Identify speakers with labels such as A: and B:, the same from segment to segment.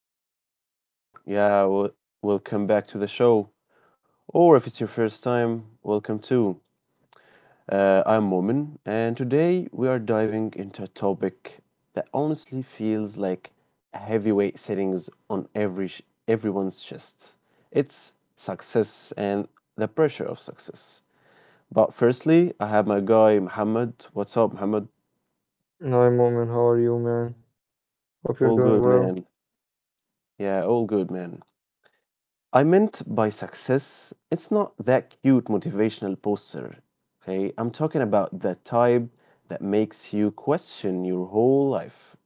A: hey everyone. Yeah, well, welcome back to the show. Or if it's your first time, welcome too. I'm Momin, and today we are diving into a topic that honestly feels like a heavyweight settings on every sh- everyone's chest. It's success and the pressure of success. But firstly, I have my guy Muhammad. What's up, Muhammad?
B: Hi, Moment. How are you, man? Hope you're
A: All
B: doing
A: good,
B: well.
A: man. Yeah, all good, man. I meant by success, it's not that cute motivational poster, okay? I'm talking about the type that makes you question your whole life,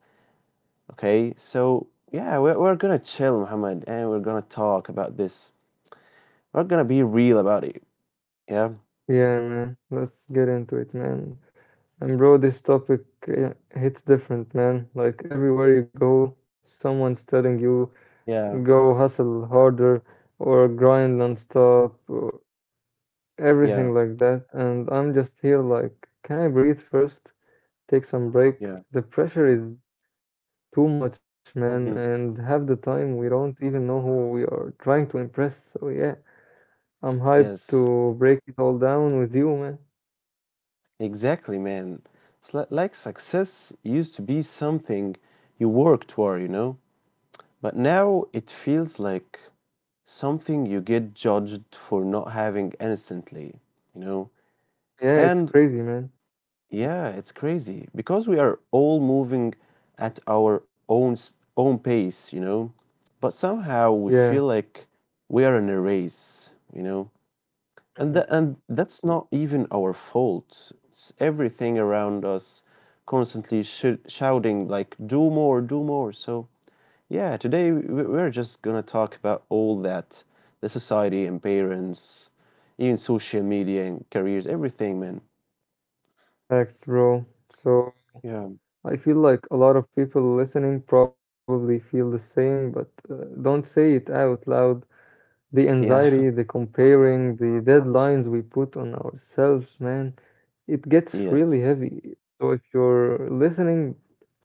A: okay? So, yeah, we're gonna chill, Muhammad, and we're gonna talk about this. We're gonna be real about it. Yeah,
B: Yeah, man. Let's get into it, man. And bro, this topic hits different, man. Like everywhere you go, someone's telling you
A: yeah,
B: go hustle harder or grind nonstop, or
A: yeah,
B: everything like that. And I'm just here like, can I breathe first? Take some break.
A: yeah.
B: The pressure is too much, man.
A: Mhm.
B: And half the time we don't even know who we are trying to impress. So yeah. I'm hyped
A: Yes,
B: to break it all down with you, man.
A: exactly, man. Like success used to be something you worked toward, you know? But now it feels like something you get judged for not having instantly, you know?
B: Yeah, it's
A: And
B: crazy, man.
A: yeah, it's crazy because we are all moving at own pace, you know? But somehow we
B: Yeah.
A: feel like we are in a race, you know? And
B: Mhm.
A: that and that's not even our fault. It's everything around us constantly shouting like do more, do more. So yeah, today we're just gonna talk about all that, the society and parents, even social media and careers, everything, man.
B: Facts, bro. So
A: Yeah.
B: I feel like a lot of people listening probably feel the same, but don't say it out loud. The
A: Yeah.
B: anxiety, the comparing, the deadlines we put on ourselves, man, it gets really
A: Yes.
B: heavy. So if you're listening,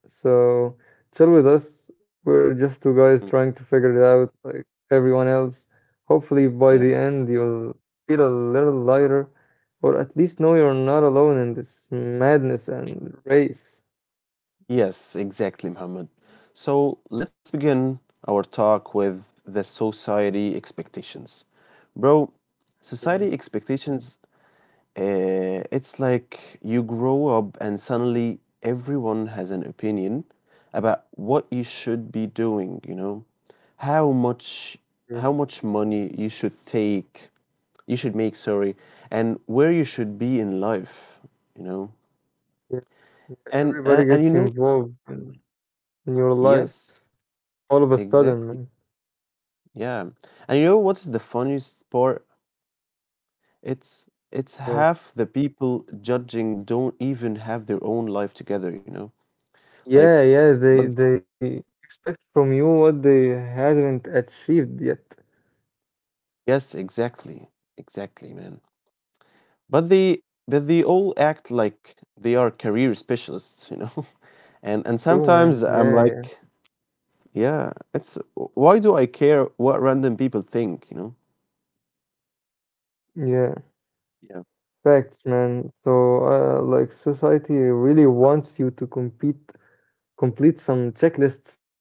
B: so chill with us. We're just two guys trying
A: Mm,
B: to figure it out like everyone else. Hopefully, by
A: yeah.
B: the end, you'll feel a little lighter, or at least know you're not alone in this madness and race.
A: Yes, exactly, Muhammad. So let's begin our talk with the society expectations. Bro, society
B: Mhm.
A: expectations, it's like you grow up and suddenly everyone has an opinion about what you should be doing, you know, how much
B: Yeah,
A: how much money you should take, you should make, sorry, and where you should be in life, you know.
B: yeah.
A: And
B: Everybody
A: and, and you
B: gets
A: know,
B: involved in your life
A: yes,
B: all of a sudden, man.
A: exactly. Yeah. And you know what's the funniest part? It's it's
B: Well,
A: half the people judging don't even have their own life together, you know. Like,
B: yeah, yeah,
A: but
B: they expect from you what they have not achieved yet.
A: yes, exactly. Exactly, man. But they all act like they are career specialists, you know? And
B: True,
A: sometimes
B: man.
A: I'm
B: Yeah, yeah.
A: like, yeah, it's why do I care what random people think, you know?
B: Yeah.
A: Yeah.
B: Facts, man. So, like society really wants you to compete, complete some checklists,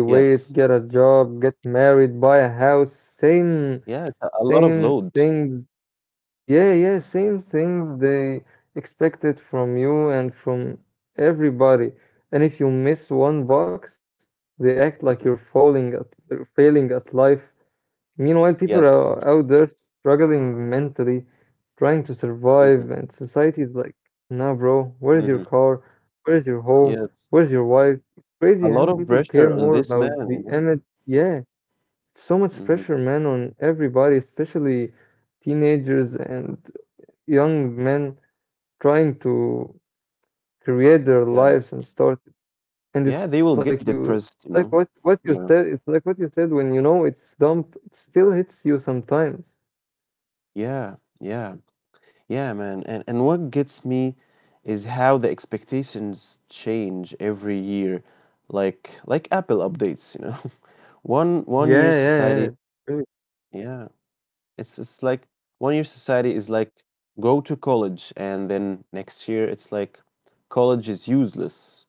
A: Yes.
B: get a job, get married, buy a house, same
A: Yeah, it's a lot of
B: same
A: load.
B: things yeah, same things they expect it from you and from everybody. And if you miss one box, they act like you're
A: Mhm.
B: failing at life. Meanwhile, people
A: Yes.
B: are out there struggling mentally, trying to survive,
A: Hmm.
B: and society is like, nah, bro, where's your
A: Hmm.
B: car? Where's your home?
A: Yes.
B: Where's your wife? Crazy
A: A
B: how
A: lot of
B: people care
A: pressure on
B: more
A: this
B: about
A: man,
B: the
A: you know?
B: image. Yeah, so much
A: Hmm.
B: pressure, man, on everybody, especially teenagers and young men trying to create their
A: Yeah.
B: lives and start, and
A: Yeah,
B: it's
A: they will
B: like
A: get
B: you,
A: depressed,
B: like
A: you
B: what
A: know?
B: what you
A: Yeah.
B: said, it's like what you said when you know it's dumb, it still hits you sometimes.
A: Yeah. Yeah. Yeah, man. And what gets me is how the expectations change every year, like Apple updates, you know. One
B: Yeah,
A: one year
B: yeah,
A: society,
B: yeah. Really,
A: yeah. It's like one year society is like go to college and then next year it's like college is useless.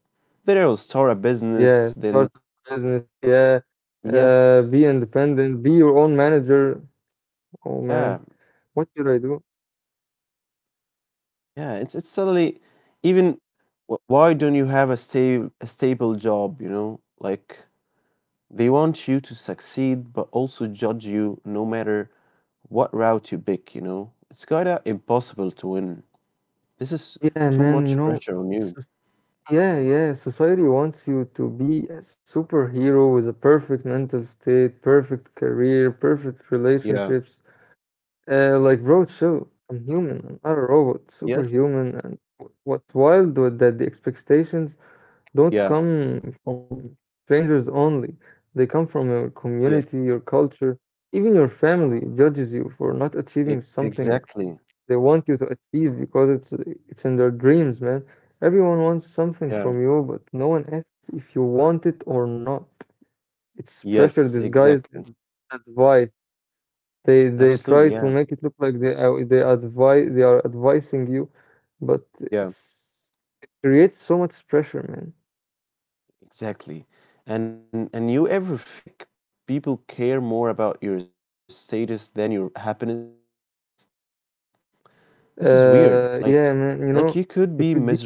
A: Then I'll start a business,
B: yeah,
A: then
B: start a business, yeah,
A: yes,
B: uh, be independent, be your own manager. Oh
A: yeah.
B: man, what should I do?
A: Yeah, it's suddenly even why don't you have a stable job, you know? Like, they want you to succeed, but also judge you no matter what route you pick, you know? It's kinda impossible to win. This is
B: Yeah
A: too
B: man, you
A: much
B: know.
A: pressure on you.
B: Yeah, yeah. Society wants you to be a superhero with a perfect mental state, perfect career, perfect
A: Yeah.
B: relationships. Like, bro, chill. I'm human. I'm not a robot.
A: Yes.
B: Superhuman. And what's wild was that the expectations don't
A: Yeah.
B: come from strangers only. They come from your
A: Yes.
B: community, your culture. Even your family judges you for not
A: E
B: achieving something
A: Exactly.
B: they want you to achieve because it's in their dreams, man. Everyone wants something
A: Yeah.
B: from you, but no one asks if you want it or not. It's pressure
A: Yes,
B: disguised as
A: exactly.
B: advice. They try
A: Absolutely,
B: to
A: yeah.
B: make it look like they are advising you, but it's
A: Yeah.
B: creates so much pressure, man.
A: Exactly. And you ever feel like people care more about your status than your happiness? This is weird. Like you could be
B: Yeah,
A: miserable.
B: man. You know, it could be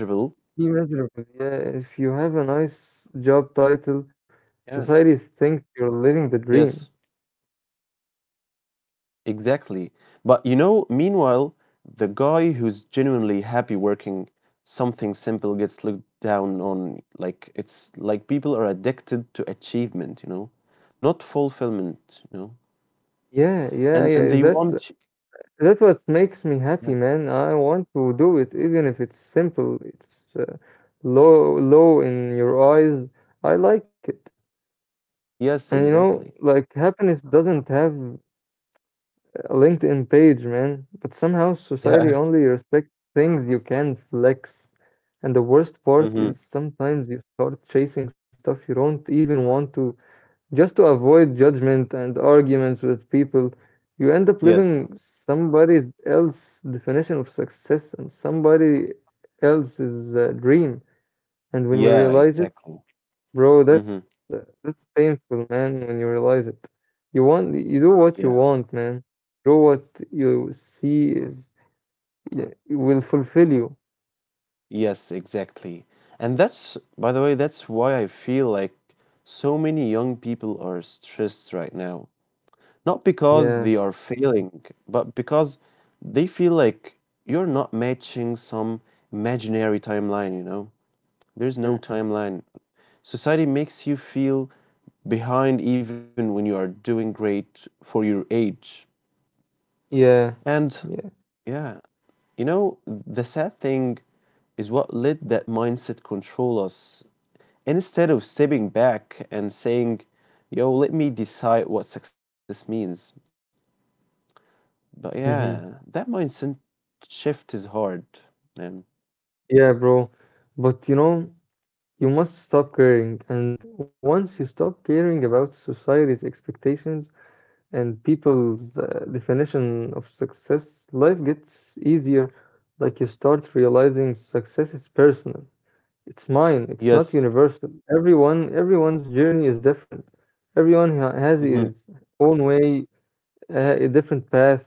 B: miserable. Yeah, if you have a nice job
A: Yeah.
B: title, societies think
A: Yes.
B: you're living the dream.
A: Exactly. But you know, meanwhile, the guy who's genuinely happy working something simple gets looked down on. Like, it's like people are addicted to achievement, you know, not fulfillment, you know.
B: Yeah, yeah,
A: And and
B: yeah.
A: they
B: That's
A: want
B: that's what makes me happy,
A: yeah.
B: man. I want to do it, even if it's simple. It's low, low in your eyes. I like it. And you
A: Yes,
B: know,
A: exactly.
B: like happiness doesn't have a LinkedIn page, man. But somehow society
A: Yeah.
B: only respects things you can flex. And the worst part
A: Hmm.
B: is sometimes you start chasing stuff you don't even want to. Just to avoid judgment and arguments with people, you end up
A: Yes.
B: living somebody else's definition of success and somebody else's dream. And when you
A: Yeah,
B: realize it,
A: exactly.
B: bro,
A: Hmm.
B: that's painful, man. When you realize it, you want, you do what
A: Yeah.
B: you want, man. Do what you see is, yeah, will fulfill you.
A: Yes, exactly. And that's, by the way, that's why I feel like so many young people are stressed right now. Not because
B: Yeah.
A: they are failing, but because they feel like you're not matching some imaginary timeline, you know? There's no
B: Mhm.
A: timeline. Society makes you feel behind even when you are doing great for your age.
B: Yeah.
A: And
B: Yeah.
A: yeah, you know, the sad thing is what let that mindset control us. And instead of stepping back and saying, yo, let me decide what success means, but yeah, that
B: Hmm.
A: mindset shift is hard, man.
B: Yeah, bro. But you know. You must stop caring, and once you stop caring about society's expectations and people's definition of success, life gets easier. Like you start realizing success is personal. It's mine. It's not
A: Yes,
B: universal. Everyone's journey is different. Has
A: mhm,
B: his own way, a different path.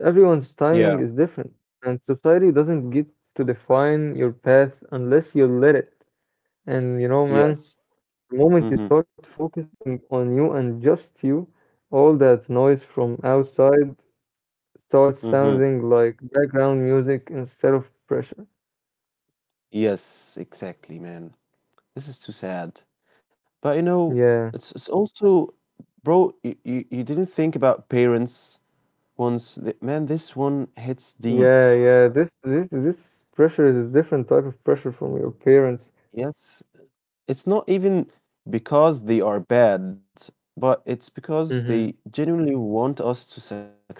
B: Everyone's
A: yeah,
B: timing is different, and society doesn't get to define your path unless you let it. And you know, man.
A: yes,
B: The moment you
A: hmm,
B: start focusing on you and just you, all that noise from outside starts
A: hmm,
B: sounding like background music instead of pressure.
A: yes, exactly, man. This is too sad. But you know,
B: Yeah,
A: it's also, bro. You didn't think about parents once. The, man, this one hits deep.
B: yeah, yeah. This pressure is a different type of pressure from your parents.
A: Yes, it's not even because they are bad, but it's because they
B: Mm-hmm.
A: genuinely want us to succeed.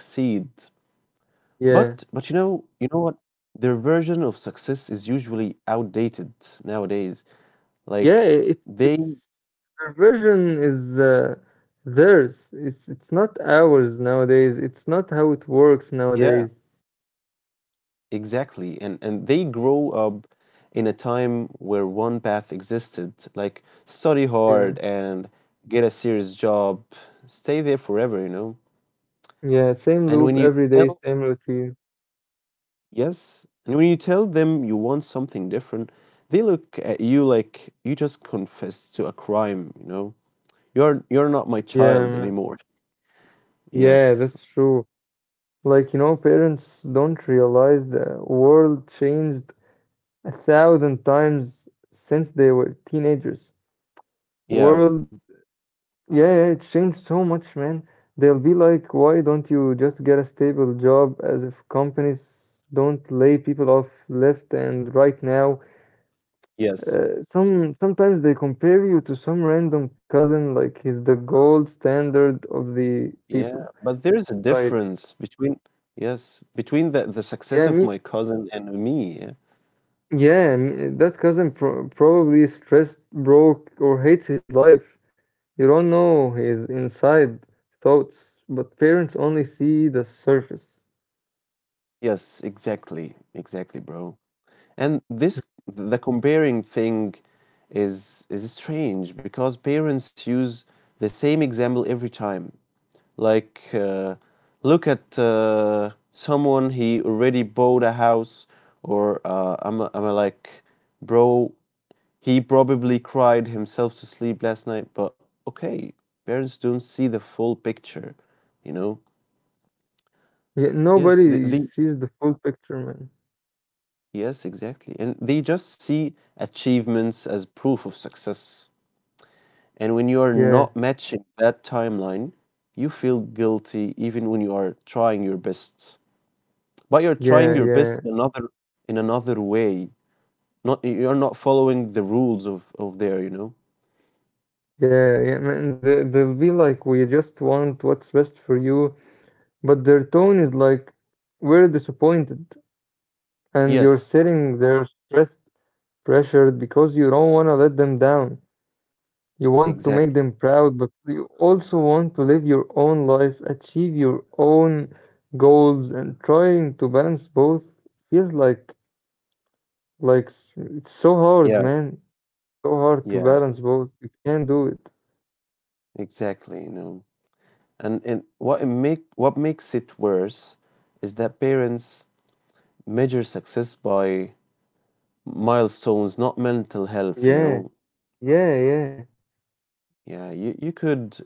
A: But you
B: Yeah,
A: know, you know what? Their version of success is usually outdated nowadays.
B: yeah.
A: Like,
B: It
A: they
B: it's their version is theirs. It's not ours nowadays. It's not how it works
A: yeah,
B: nowadays.
A: exactly. And they grow up in a time where one path existed, like study
B: Yeah,
A: hard and get a serious job, stay there forever, you know?
B: yeah. Same
A: And when
B: loop
A: you
B: every day,
A: tell
B: same routine.
A: yes, and when you tell them you want something different, they look at you like you just confessed to a crime, you know? You're not my child
B: Yeah,
A: anymore.
B: yeah,
A: Yes.
B: that's true. Like, you know, parents don't realize the world changed a thousand times since they were teenagers.
A: Yeah.
B: World, yeah, yeah, it's changed so much, man. They'll be like, why don't you just get a stable job, as if companies don't lay people off left and right now.
A: Yes.
B: Sometimes they compare you to some random cousin like he's the gold standard of the
A: Yeah.
B: people.
A: But there is a
B: Like,
A: difference between yes, between the success
B: yeah,
A: of
B: me.
A: my cousin and me. Yeah.
B: Yeah, and that cousin probably stressed, broke, or hates his life. You don't know his inside thoughts, but parents only see the surface.
A: Yes, exactly. Exactly, bro. And this, the comparing thing, is strange because parents use the same example every time. Like look at someone he already bought a house or I'm like, bro, he probably cried himself to sleep last night, but okay, parents don't see the full picture, you know?
B: Yeah,
A: Yes, the,
B: nobody
A: the
B: sees the full picture, man.
A: yes, exactly. And they just see achievements as proof of success. And when you are
B: Yeah,
A: not matching that timeline, you feel guilty even when you are trying your best. But you're trying
B: yeah,
A: your
B: yeah,
A: best in another, in another way. Not, you're not following the rules of there, you know?
B: yeah, yeah, man. They, they'll be like, we just want what's best for you, but their tone is like, we're disappointed, and you're
A: Yes,
B: sitting there stressed, pressured because you don't want to let them down. You want to make
A: exactly.
B: them proud, but you also want to live your own life, achieve your own goals, and trying to balance both feels like, it's so hard,
A: Yeah,
B: man. So hard to
A: yeah,
B: balance both. You can't do it.
A: exactly, you know. And what it make what makes it worse is that parents measure success by milestones, not mental health, you
B: Yeah,
A: know.
B: yeah, yeah,
A: Yeah, you could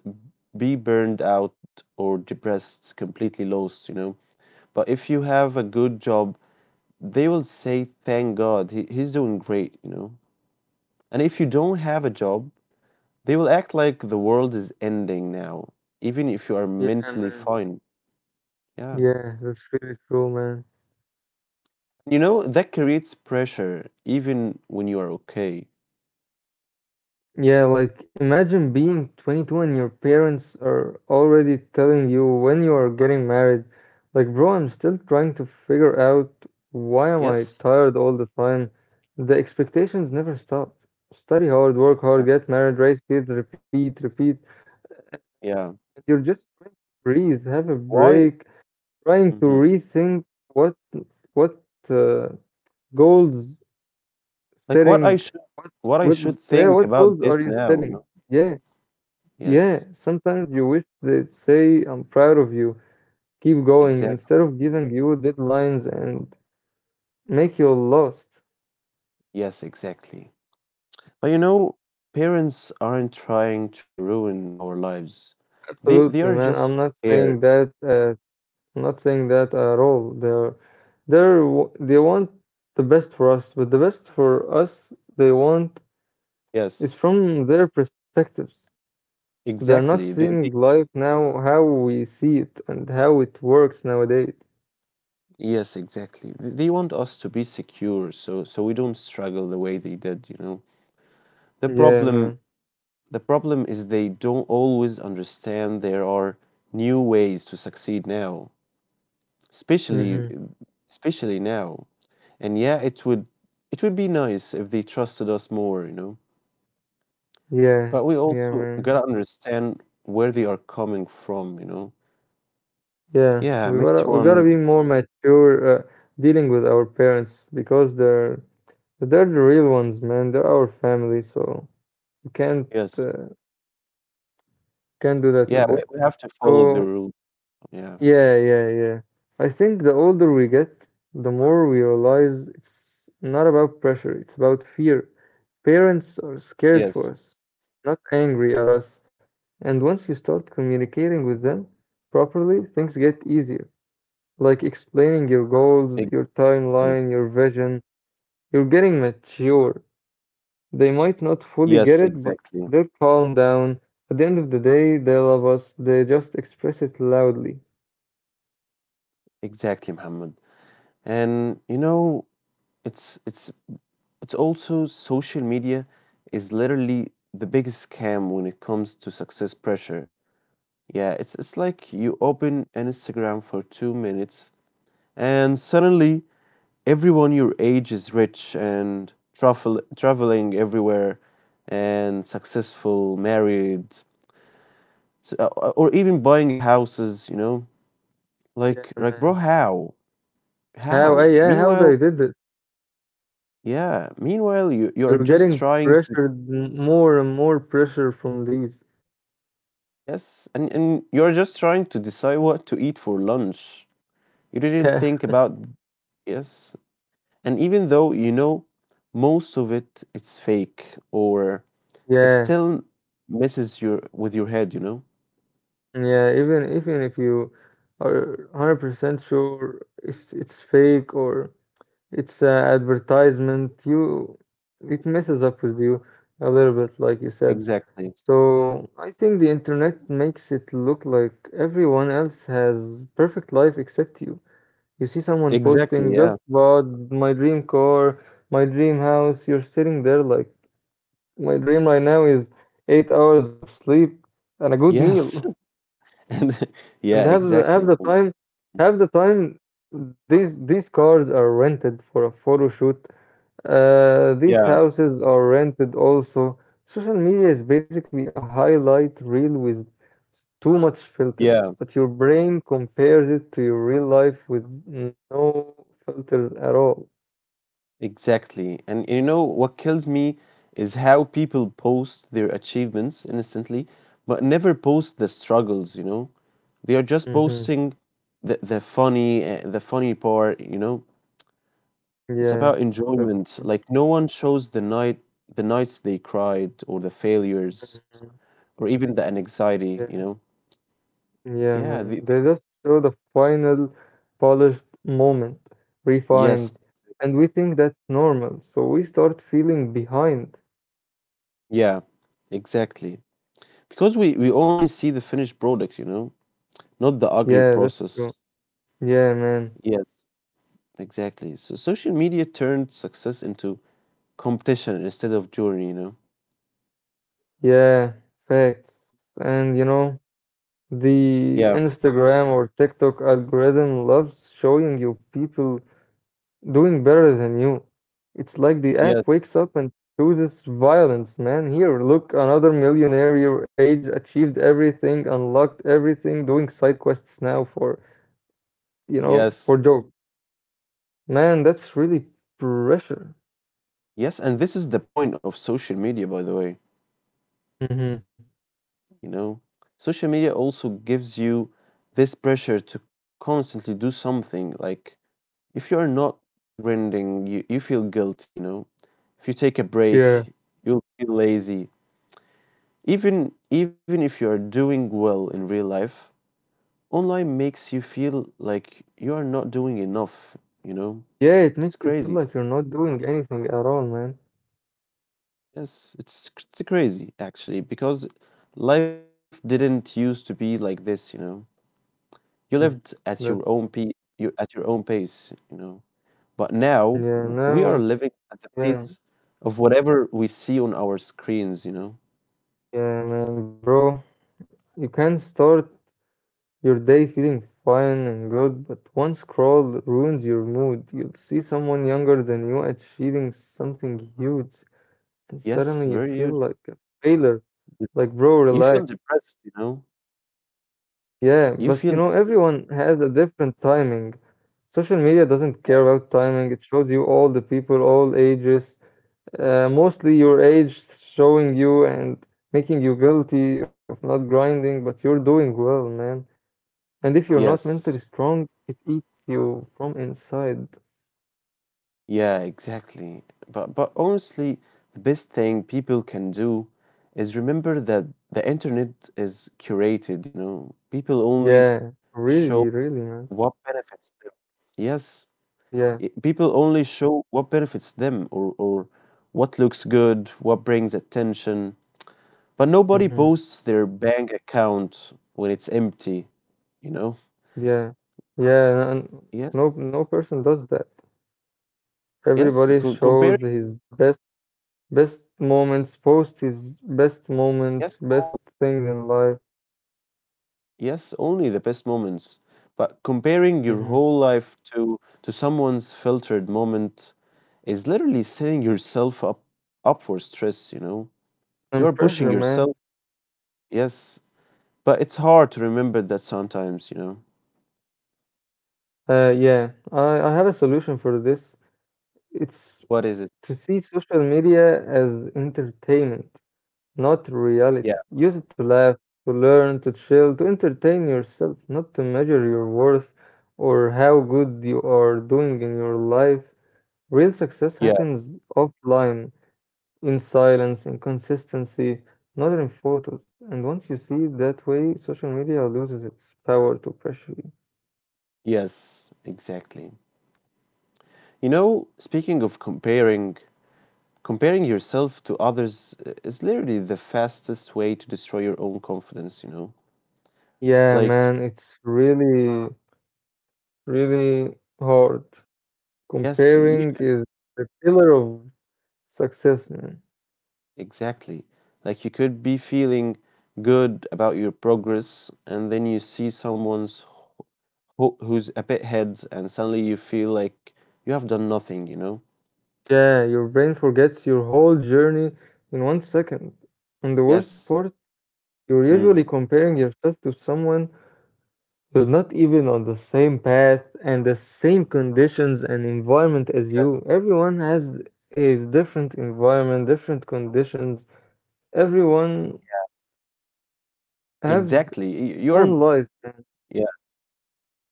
A: be burned out or depressed, completely lost, you know. But if you have a good job, they will say, thank God, he's doing great, you know. And if you don't have a job, they will act like the world is ending now, even if you are
B: yeah,
A: mentally
B: man.
A: fine. Yeah.
B: Yeah, that's really true, man.
A: You know, that creates pressure even when you are okay.
B: Yeah, like imagine being 22 and your parents are already telling you when you are getting married. Like, bro, I'm still trying to figure out, why am I
A: Yes,
B: tired all the time? The expectations never stop. Study hard, work hard,
A: exactly.
B: get married, raise kids, repeat, repeat.
A: Yeah.
B: You're just trying to breathe, have a
A: Why?
B: break, trying to
A: Hmm.
B: rethink what what uh, goals
A: Like what I
B: setting,
A: should,
B: what
A: what I
B: what
A: should
B: yeah,
A: think
B: what
A: about
B: goals are
A: this
B: you
A: now, you
B: setting?
A: know?
B: Yeah. Yeah,
A: Yes,
B: sometimes you wish they'd say, I'm proud of you, keep going, instead
A: exactly.
B: of giving you deadlines and make you lost.
A: Yes, exactly. But you know, parents aren't trying to ruin our lives. They are
B: Absolutely, man.
A: just scared.
B: I'm not saying that at all. They want the best for us, but the best for us they want
A: Yes,
B: is from their perspectives. They're not
A: exactly.
B: seeing life now how we see it and how it works nowadays.
A: Yes, exactly. They want us to be secure so so we don't struggle the way they did, you know. The
B: Yeah,
A: problem
B: man.
A: the problem is they don't always understand there are new ways to succeed now, especially
B: Hmm.
A: especially now. And yeah, it would be nice if they trusted us more, you know.
B: Yeah,
A: But we
B: yeah,
A: also
B: man.
A: gotta understand where they are coming from, you know.
B: Yeah,
A: Yeah, Messi
B: we gotta
A: one,
B: be more mature dealing with our parents because they're the real ones, man. They're our family, so you can't,
A: yes.
B: uh, can't do that with
A: Yeah,
B: them.
A: we have to follow the
B: So
A: rules. Yeah.
B: yeah, yeah, yeah. I think the older we get, the more we realize it's not about pressure, it's about fear. Parents are scared for
A: Yes,
B: us, not angry at us. And once you start communicating with them properly, things get easier. Like explaining your goals, your
A: exactly.
B: timeline, your vision. You're getting mature. They might not
A: Yes,
B: fully get it, but
A: exactly.
B: they'll calm down. At the end of the day, they love us. They just express it loudly.
A: Exactly, Muhammad. And you know, it's it's it's also, social media is literally the biggest scam when it comes to success pressure. Yeah, it's like you open an Instagram for 2 minutes and suddenly everyone your age is rich and traveling everywhere and successful, married, or even buying houses, you know?
B: Yeah,
A: Like, bro,
B: man.
A: how?
B: How? I,
A: How?
B: yeah, how
A: Meanwhile,
B: they did this?
A: yeah, meanwhile you're
B: You're
A: just
B: getting
A: trying to
B: pressured, more and more pressure from these.
A: yes, and you're just trying to decide what to eat for lunch. You didn't think about yes. And even though you know most of it it's fake or it
B: Yeah,
A: still messes your with your head, you know?
B: yeah, yeah. Even even if you are 100% sure it's fake or it's a advertisement. You, it messes up with you a little bit, like you said.
A: Exactly.
B: So I think the internet makes it look like everyone else has perfect life except you. You see someone posting
A: Exactly,
B: just
A: yeah.
B: bought my dream car, my dream house. You're sitting there like my dream right now is 8 hours of sleep and a good meal.
A: Yes. And yeah,
B: And have the
A: exactly.
B: have the time have the time these cars are rented for a photo shoot, these
A: Yeah,
B: houses are rented also. Social media is basically a highlight reel with too much filters,
A: yeah,
B: but your brain compares it to your real life with no filters at all.
A: exactly. And you know what kills me is how people post their achievements instantly, but never post the struggles, you know? They are just
B: Mm-hmm.
A: posting the funny, the funny part, you know? It's
B: Yeah,
A: about
B: that's
A: enjoyment.
B: true.
A: Like no one shows the nights they cried or the failures
B: Mhm.
A: or even the anxiety, you
B: Yeah,
A: know?
B: yeah,
A: Yeah,
B: man.
A: the, the-
B: They just show the final polished moment, refined,
A: yes.
B: and we think that's normal, so we start feeling behind.
A: Yeah, exactly. Because we only see the finished product, you know, not the ugly
B: Yeah, that's
A: process.
B: true. Yeah, man.
A: Yes, exactly. So social media turned success into competition instead of journey, you know.
B: Yeah, fact.
A: It's-
B: And you know, the
A: Yeah,
B: Instagram or TikTok algorithm loves showing you people doing better than you. It's like the app
A: yes,
B: wakes up and chooses violence, man. Here, look, another millionaire your age achieved everything, unlocked everything, doing side quests now for, you know, for
A: yes.
B: joke. Man, that's really pressure.
A: Yes, and this is the point of social media, by the way.
B: Hmm.
A: You know, social media also gives you this pressure to constantly do something. Like, if you're not rendering, you feel guilty, you know. If you take a
B: Yeah.
A: break, you'll feel lazy. Even if you're doing well in real life, online makes you feel like you are not doing enough, you know.
B: Yeah, it
A: It's
B: makes you feel
A: crazy.
B: like you're not doing anything at all, man.
A: Yes, it's crazy actually because life didn't used to be like this, you know. You lived
B: Mm.
A: at your
B: That's
A: own pe you at your own pace, you know. But now
B: yeah,
A: we are
B: now,
A: living at the
B: yeah,
A: pace of whatever we see on our screens, you know.
B: yeah, man, bro. You can start your day feeling fine and good, but one scroll ruins your mood. You'll see someone younger than you achieving something huge, and suddenly you
A: Yes,
B: feel
A: very huge.
B: like a failure.
A: dep-
B: Like, bro,
A: You
B: relax.
A: feel depressed, you know.
B: Yeah, but you know,
A: You feel
B: everyone
A: depressed.
B: has a different timing. Social media doesn't care
A: Yeah.
B: about timing, it shows you all the people, all ages. Mostly your age showing you and making you guilty of not grinding, but you're doing well, man. And if you're not mentally
A: Yes.
B: strong, it eats you from inside.
A: Yeah, exactly. But honestly, the best thing people can do is remember that the internet is curated, you know. People
B: Yeah,
A: only show
B: really, really, man.
A: what benefits them. Yes,
B: Yeah.
A: people only show what benefits them or what looks good, what brings attention. But nobody
B: Mm-hmm.
A: posts their bank account when it's empty, you know?
B: Yeah. Yeah, and no
A: Yes,
B: no person does that.
A: yes,
B: Everybody shows
A: comparing,
B: his best moments, post his best moments,
A: yes,
B: best
A: only,
B: things in life.
A: yes, only the best moments. But comparing your
B: Mm-hmm.
A: whole life to someone's filtered moment is literally setting yourself up for stress, you know? You
B: And
A: are pushing
B: pressure, man.
A: yourself, yes, but it's hard to remember that sometimes, you know?
B: Yeah, I have a solution for this. It's
A: What is it?
B: to see social media as entertainment, not
A: Yeah,
B: reality. Use it to laugh, to learn, to chill, to entertain yourself, not to measure your worth or how good you are doing in your life. Real success
A: yeah,
B: happens offline, in silence, in consistency, not in photos. And once you see it that way, social media loses its power to pressure you.
A: yes, exactly. You know, speaking of comparing, comparing yourself to others is literally the fastest way to destroy your own confidence, you know?
B: Yeah,
A: Like,
B: man, it's really, really hard.
A: yes, you,
B: Comparing is the killer of success, man.
A: exactly. Like, you could be feeling good about your progress, and then you see someone's who's a bit ahead, and suddenly you feel like you have done nothing, you know?
B: Yeah, your brain forgets your whole journey in 1 second. And the worst
A: Yes,
B: part, you're usually
A: hmm
B: comparing yourself to someone who's not even on the same path and the same conditions and environment as
A: yes,
B: you. Everyone has his different environment, different conditions. Everyone have
A: exactly. You're,
B: own life.
A: yeah,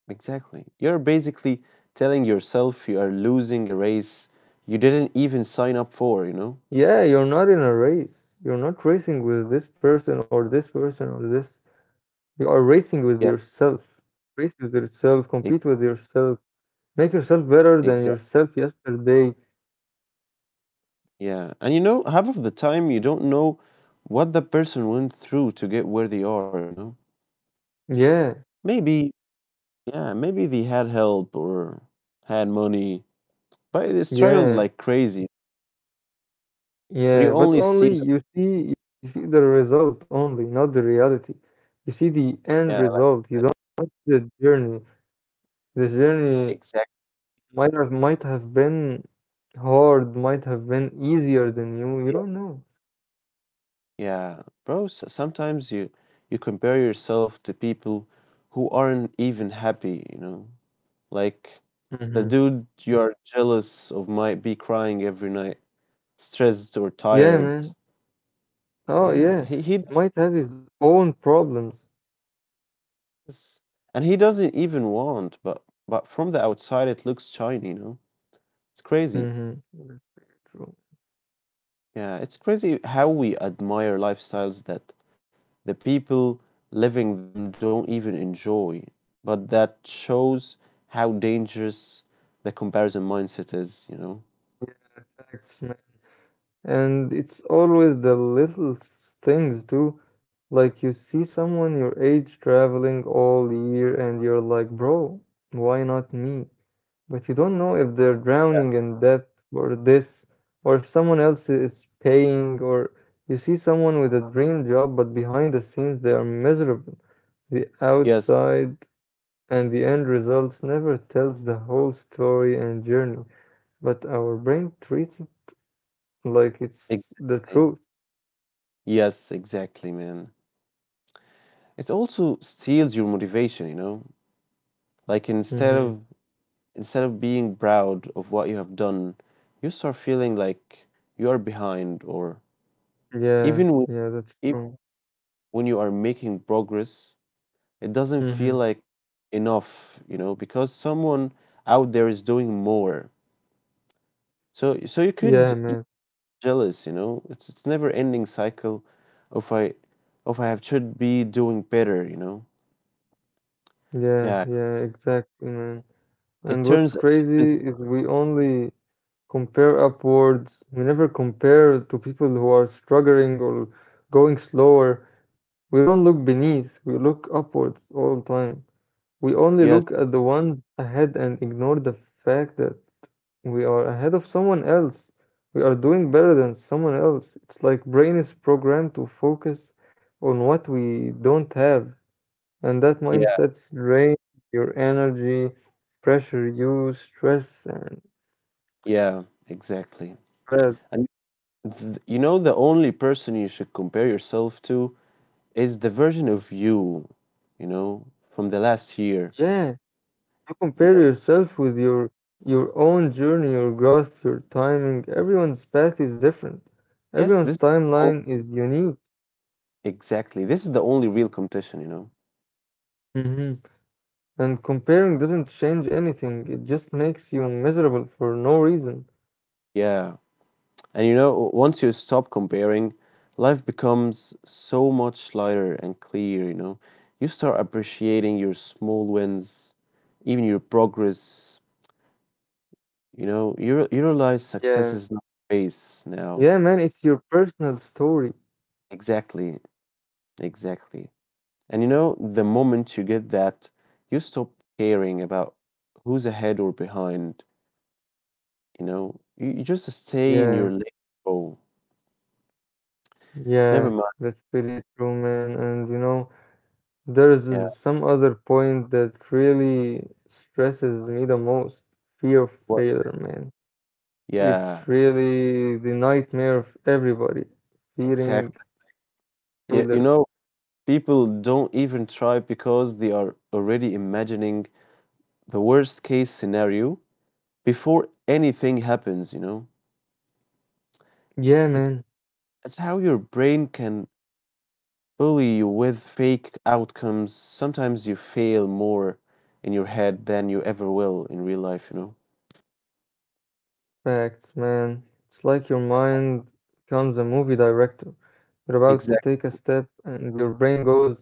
A: exactly. You're basically telling yourself you are losing a race you didn't even sign up for, you know?
B: Yeah, you're not in a race. You're not racing with this person or this person or this. You are racing with
A: Yes.
B: yourself. Race with yourself, compete with yourself, make yourself better than
A: Exactly.
B: yourself yesterday.
A: Yeah. And you know, half of the time you don't know what the person went through to get where they are, you know?
B: Yeah,
A: Maybe, yeah, maybe they had help or had money, but they struggled
B: yeah,
A: like crazy. But
B: yeah.
A: you
B: But
A: only see
B: only
A: them,
B: you see the result only, not the reality. You see the end
A: yeah, like
B: result. You
A: that.
B: don't see the journey. The journey
A: Exactly.
B: might have been hard, might have been easier than you. You don't know.
A: Yeah, bro, s sometimes you compare yourself to people who aren't even happy, you know? Like the
B: Hmm.
A: dude you're jealous of might be crying every night, stressed or
B: Yeah,
A: tired.
B: man. Oh,
A: Yeah,
B: yeah.
A: he does
B: Might have his own problems.
A: this. And he doesn't even want, but from the outside it looks shiny, you know? It's crazy.
B: Mm-hmm.
A: Yeah, it's crazy how we admire lifestyles that the people living them don't even enjoy, but that shows how dangerous the comparison mindset is, you know?
B: Facts, man. And it's always the little things too. Like you see someone your age traveling all year and you're like, bro, why not me? But you don't know if they're drowning in debt or this, or if someone else is paying, or you see someone with a dream job, but behind the scenes they are miserable. The
A: Yes,
B: outside and the end results never tells the whole story and journey, but our brain treats like, it's the
A: exactly.
B: truth.
A: Yes, exactly, man. It also steals your motivation, you know? Like
B: Mhm.
A: instead of being proud of what you have done, you start feeling like you are behind or
B: Yeah,
A: even when,
B: yeah, that's
A: if,
B: true.
A: when you are making progress, it doesn't feel
B: Mhm.
A: like enough, you know, because someone out there is doing more. So you
B: Yeah,
A: could be
B: man.
A: jealous, you know. It's never ending cycle of I of I have should be doing better, you know.
B: Yeah,
A: Yeah.
B: yeah, exactly, man.
A: It
B: And what's
A: turns
B: crazy
A: achievements
B: is we only compare upwards. We never compare to people who are struggling or going slower. We don't look beneath, we look upwards all the time. We only
A: yes,
B: look at the ones ahead and ignore the fact that we are ahead of someone else. We are doing better than someone else. It's like brain is programmed to focus on what we don't have, and that
A: yeah,
B: mindset drains your energy, pressure you, stress and
A: yeah, exactly.
B: stress.
A: And you know the only person you should compare yourself to is the version of you, you know, from the last year.
B: Yeah, you compare
A: Yes.
B: yourself with your own journey, your growth, your timing. Everyone's path is different.
A: Yes,
B: Everyone's
A: this
B: timeline is unique.
A: exactly. This is the only real competition, you know.
B: Mhm. And comparing doesn't change anything, it just makes you miserable for no reason.
A: Yeah. And you know, once you stop comparing, life becomes so much lighter and clear, you know. You start appreciating your small wins, even your progress, you know. You, you realize success
B: Yeah.
A: is not a race now.
B: Yeah, man, it's your personal story.
A: Exactly. Exactly. And you know, the moment you get that, you stop caring about who's ahead or behind, you know. You just stay in your
B: Yeah,
A: lane. Oh, never
B: yeah,
A: mind.
B: that's pretty true, man. And you know, there's
A: Yeah.
B: some other point that really stresses me the most, fear of
A: What?
B: failure, man.
A: Yeah,
B: It's really the nightmare of everybody, fearing
A: exactly. Yeah, you
B: failure.
A: know, people don't even try because they are already imagining the worst case scenario before anything happens, you know?
B: Yeah,
A: It's
B: man.
A: it's how your brain can bully you with fake outcomes. Sometimes you fail more in your head than you ever will in real life, you know?
B: Facts, man. It's like your mind becomes a movie director. You're about to
A: Exactly.
B: take a step, and your brain goes,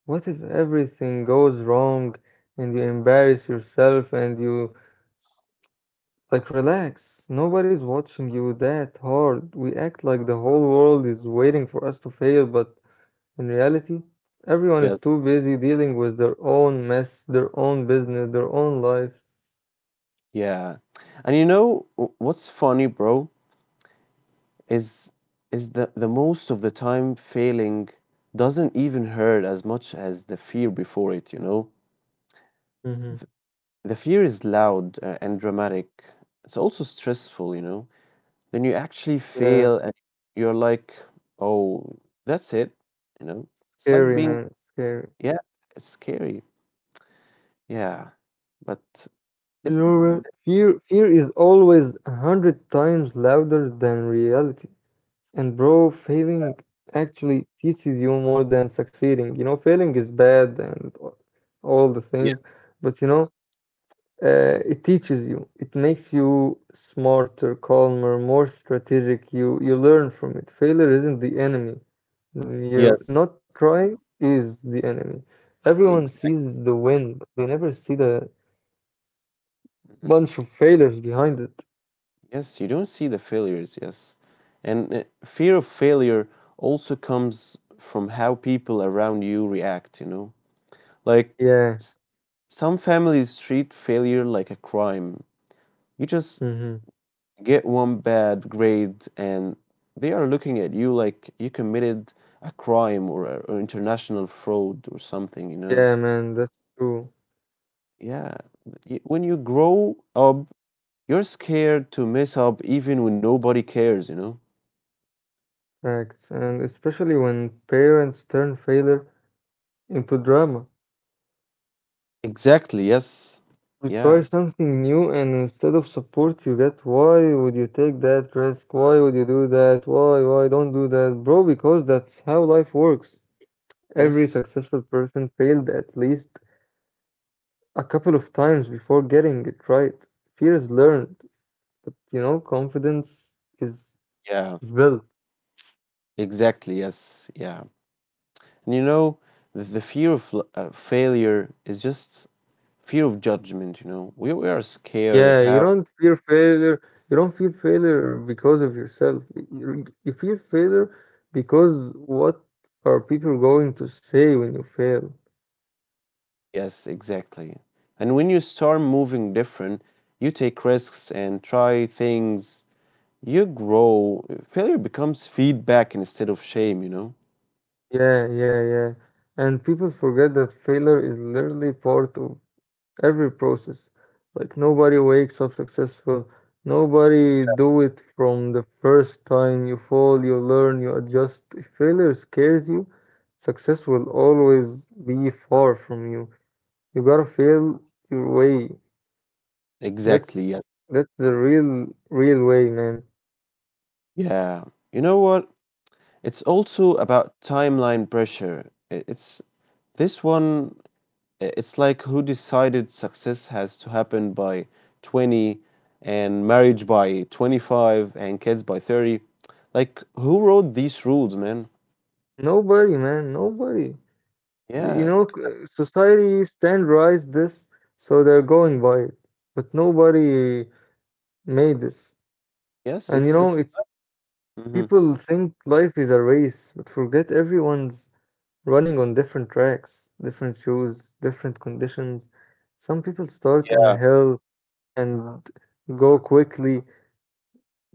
B: what if everything goes wrong? And you embarrass yourself, and you like relax. Nobody's watching you that hard. We act like the whole world is waiting for us to fail, but in reality, everyone
A: Yes.
B: is too busy dealing with their own mess, their own business, their own life.
A: Yeah. And you know what's funny, bro, is is the most of the time failing doesn't even hurt as much as the fear before it, you know?
B: Hmm.
A: The fear is loud and dramatic. It's also stressful, you know. Then you actually
B: Yeah,
A: fail and you're like, oh, that's it, you know. It's like
B: scary,
A: being,
B: man. Scary.
A: yeah, it's scary. Yeah, but it's,
B: Your fear is always a hundred times louder than reality. And bro, failing actually teaches you more than succeeding. You know, failing is bad and all the
A: yeah,
B: things, but you know, it teaches you. It makes you smarter, calmer, more strategic. You learn from it. Failure isn't the enemy. You're
A: yes,
B: not trying is the enemy. Everyone
A: exactly.
B: sees the win, but they never see the
A: Mhm.
B: bunch of failures behind it.
A: Yes, you don't see the failures, yes. And fear of failure also comes from how people around you react, you know. Like
B: Yeah.
A: s- some families treat failure like a crime. You just
B: Mhm.
A: get one bad grade and they are looking at you like you committed a crime or, or international fraud or something, you know?
B: Yeah, man, that's true.
A: Yeah. When you grow up, you're scared to mess up even when nobody cares, you know?
B: Facts. And especially when parents turn failure into drama.
A: Exactly, yes.
B: You try
A: Yeah,
B: something new, and instead of support, you get, why would you take that risk? Why would you do that? Why don't do that? Bro, because that's how life works. Every
A: yes.
B: successful person failed at least a couple of times before getting it right. Fear is learned, but you know, confidence is
A: Yeah,
B: is built.
A: exactly, yes. Yeah. And you know, the fear of failure is just fear of judgment, you know? We are scared of
B: Yeah, you
A: how
B: don't fear failure. You don't feel failure because of yourself. You feel failure because what are people going to say when you fail?
A: yes, exactly. And when you start moving different, you take risks and try things, you grow. Failure becomes feedback instead of shame, you know?
B: Yeah, yeah, yeah. And people forget that failure is literally part of every process. Like nobody wakes up successful. Nobody do it from the first time. You fall, you learn, you adjust. If failure scares you, success will always be far from you. You gotta feel your way.
A: Exactly,
B: That's
A: yes.
B: that's the real way, man.
A: Yeah. You know what? It's also about timeline pressure. It's this one, it's like who decided success has to happen by 20 and marriage by 25 and kids by 30. Like, who wrote these rules, man?
B: Nobody, man, nobody. You
A: Yeah,
B: know, society standardized this, so they're going by it. But nobody made this.
A: yes,
B: And you
A: it's
B: know,
A: it's
B: it's
A: mhm.
B: people think life is a race, but forget everyone's running on different tracks, different shoes, different conditions. Some people start on
A: Yeah.
B: a hill and go quickly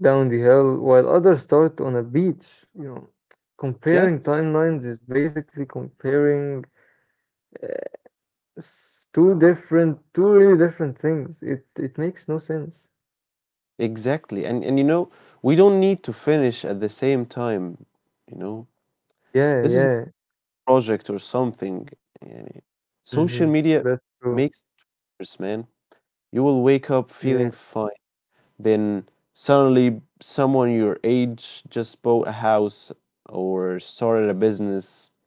B: down the hill while others start on a beach. You know, comparing
A: Yes,
B: timelines is basically comparing two really different things. It makes no sense.
A: exactly. And you know, we don't need to finish at the same time, you know.
B: Yeah,
A: This is a
B: yeah.
A: project or something. And social
B: Mm-hmm.
A: media
B: That's true.
A: makes worse, man. You will wake up feeling
B: Yeah,
A: fine. Then suddenly someone your age just bought a house or started a business.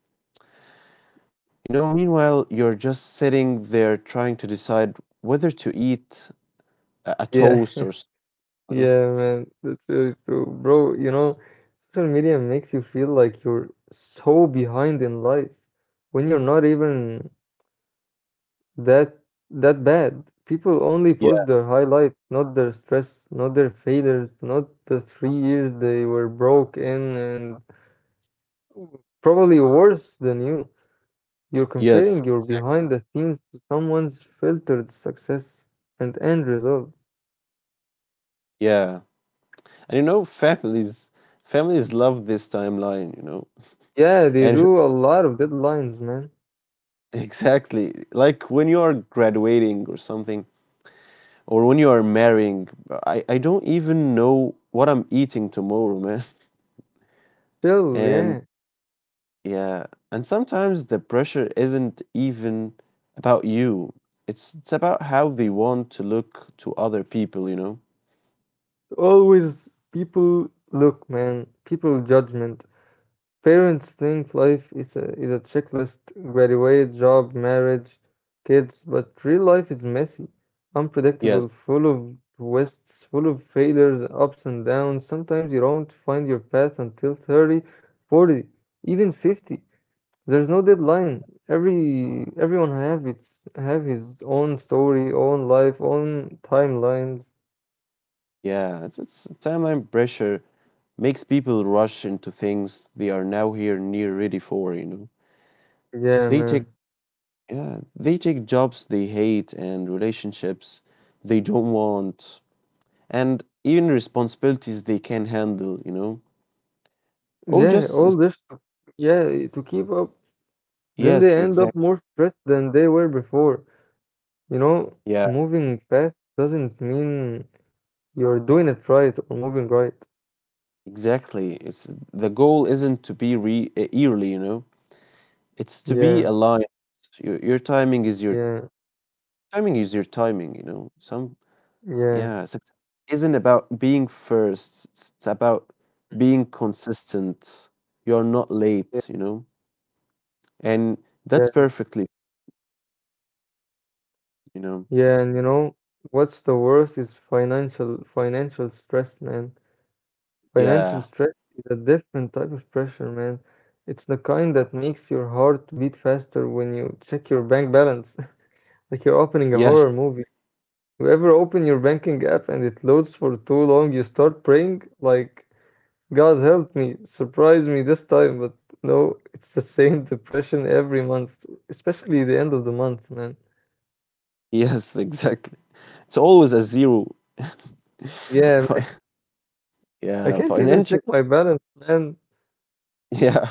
A: You know, meanwhile, you're just sitting there trying to decide whether to eat a
B: yeah,
A: toast or, s- you know.
B: yeah, man. That's really true, bro. You know, social media makes you feel like you're so behind in life when you're not even that that bad. People only
A: Yeah.
B: post their highlights, not their stress, not their failures, not the 3 years they were broke in, and probably worse than you. You're
A: Yes,
B: comparing your behind the scenes to someone's filtered success and end result.
A: yeah. And you know, families love this timeline, you know.
B: Yeah, they
A: And
B: do a lot of deadlines, man.
A: exactly. Like when you are graduating or something, or when you are marrying, I don't even know what I'm eating tomorrow, man.
B: Still,
A: And
B: yeah.
A: yeah. And sometimes the pressure isn't even about you. It's about how they want to look to other people, you know.
B: Always people look, man. People judgment. Parents think life is a checklist graduate, job, marriage, kids, but real life is messy,
A: Yes.
B: unpredictable, full of twists, full of failures, ups and downs. Sometimes you don't find your path until 30, 40, even 50. There's no deadline. Every everyone have its have his own story, own life, own timelines.
A: Yeah, it's timeline pressure makes people rush into things they are now here near ready for, you know.
B: Yeah,
A: They take
B: man.
A: yeah, they take jobs they hate and relationships they don't want and even responsibilities they can handle, you know. All
B: Yeah,
A: just
B: all this, yeah, to keep up. Then they
A: yes,
B: end
A: exactly.
B: up more stressed than they were before. You know,
A: Yeah,
B: moving fast doesn't mean you're doing it right or moving right.
A: exactly. It's the goal isn't to be re eerily, you know. It's to be
B: Yeah,
A: aligned. Your timing is your
B: yeah,
A: timing is your timing, you know. Some
B: yeah,
A: yeah, success isn't about being first, it's about being consistent. You're not
B: yeah,
A: late, you know? And that's
B: yeah,
A: perfectly, you know?
B: yeah. And you know, what's the worst is financial stress, man. Financial
A: Yeah.
B: stress is a different type of pressure, man. It's the kind that makes your heart beat faster when you check your bank balance, like you're opening a
A: Yes,
B: horror movie. You ever open your banking app and it loads for too long, you start praying like, God help me, surprise me this time, but no, it's the same depression every month, especially the end of the month, man.
A: yes, exactly. It's always a zero.
B: Yeah,
A: Fi-
B: man. I
A: yeah,
B: can't even check
A: financial,
B: my balance, man.
A: yeah,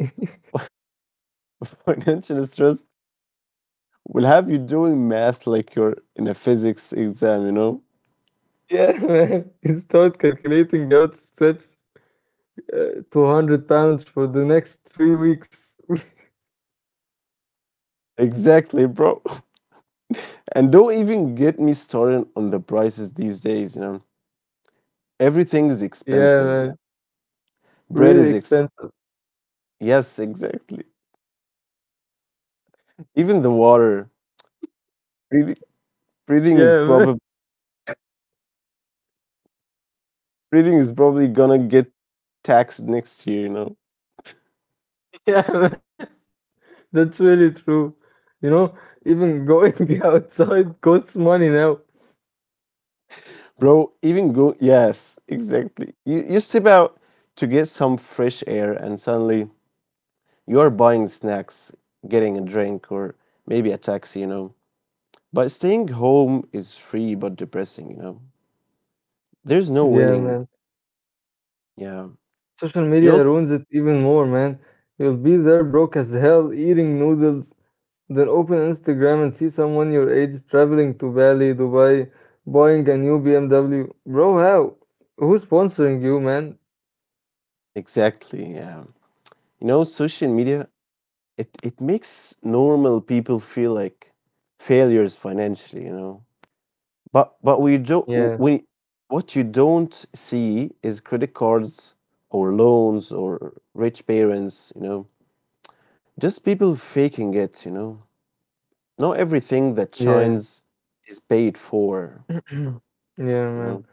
A: financial stress will have you doing math like you're in a physics exam, you know?
B: Yeah, man. You start calculating how to stretch £200 for the next 3 weeks.
A: Exactly, bro. And don't even get me started on the prices these days, you know? Everything is
B: Yeah,
A: expensive now.
B: man.
A: Bread
B: Really
A: is exp-
B: expensive.
A: yes, exactly. Even the water. Breathing, breathing is
B: Yeah, man.
A: probably breathing is probably gonna get taxed next year. You know,
B: Yeah, man. That's really true. You know, even going outside costs money now.
A: bro. Even go yes, exactly. You step out to get some fresh air, and suddenly you are buying snacks, getting a drink, or maybe a taxi. You know, but staying home is free but depressing. You know, there's no
B: Yeah,
A: winning.
B: man.
A: Yeah,
B: Social
A: you'll
B: media ruins it even more, man. You'll be there broke as hell eating noodles, then open Instagram and see someone your age traveling to Bali, Dubai, buying a new BMW. Bro, how? Who's sponsoring you, man?
A: exactly. Yeah, you know, social media it it makes normal people feel like failures financially, you know. But we do
B: Yeah,
A: we what you don't see is credit cards or loans or rich parents, you know. Just people faking it, you know. Not everything that
B: yeah.
A: shines is paid for,
B: Yeah,
A: you know.
B: man.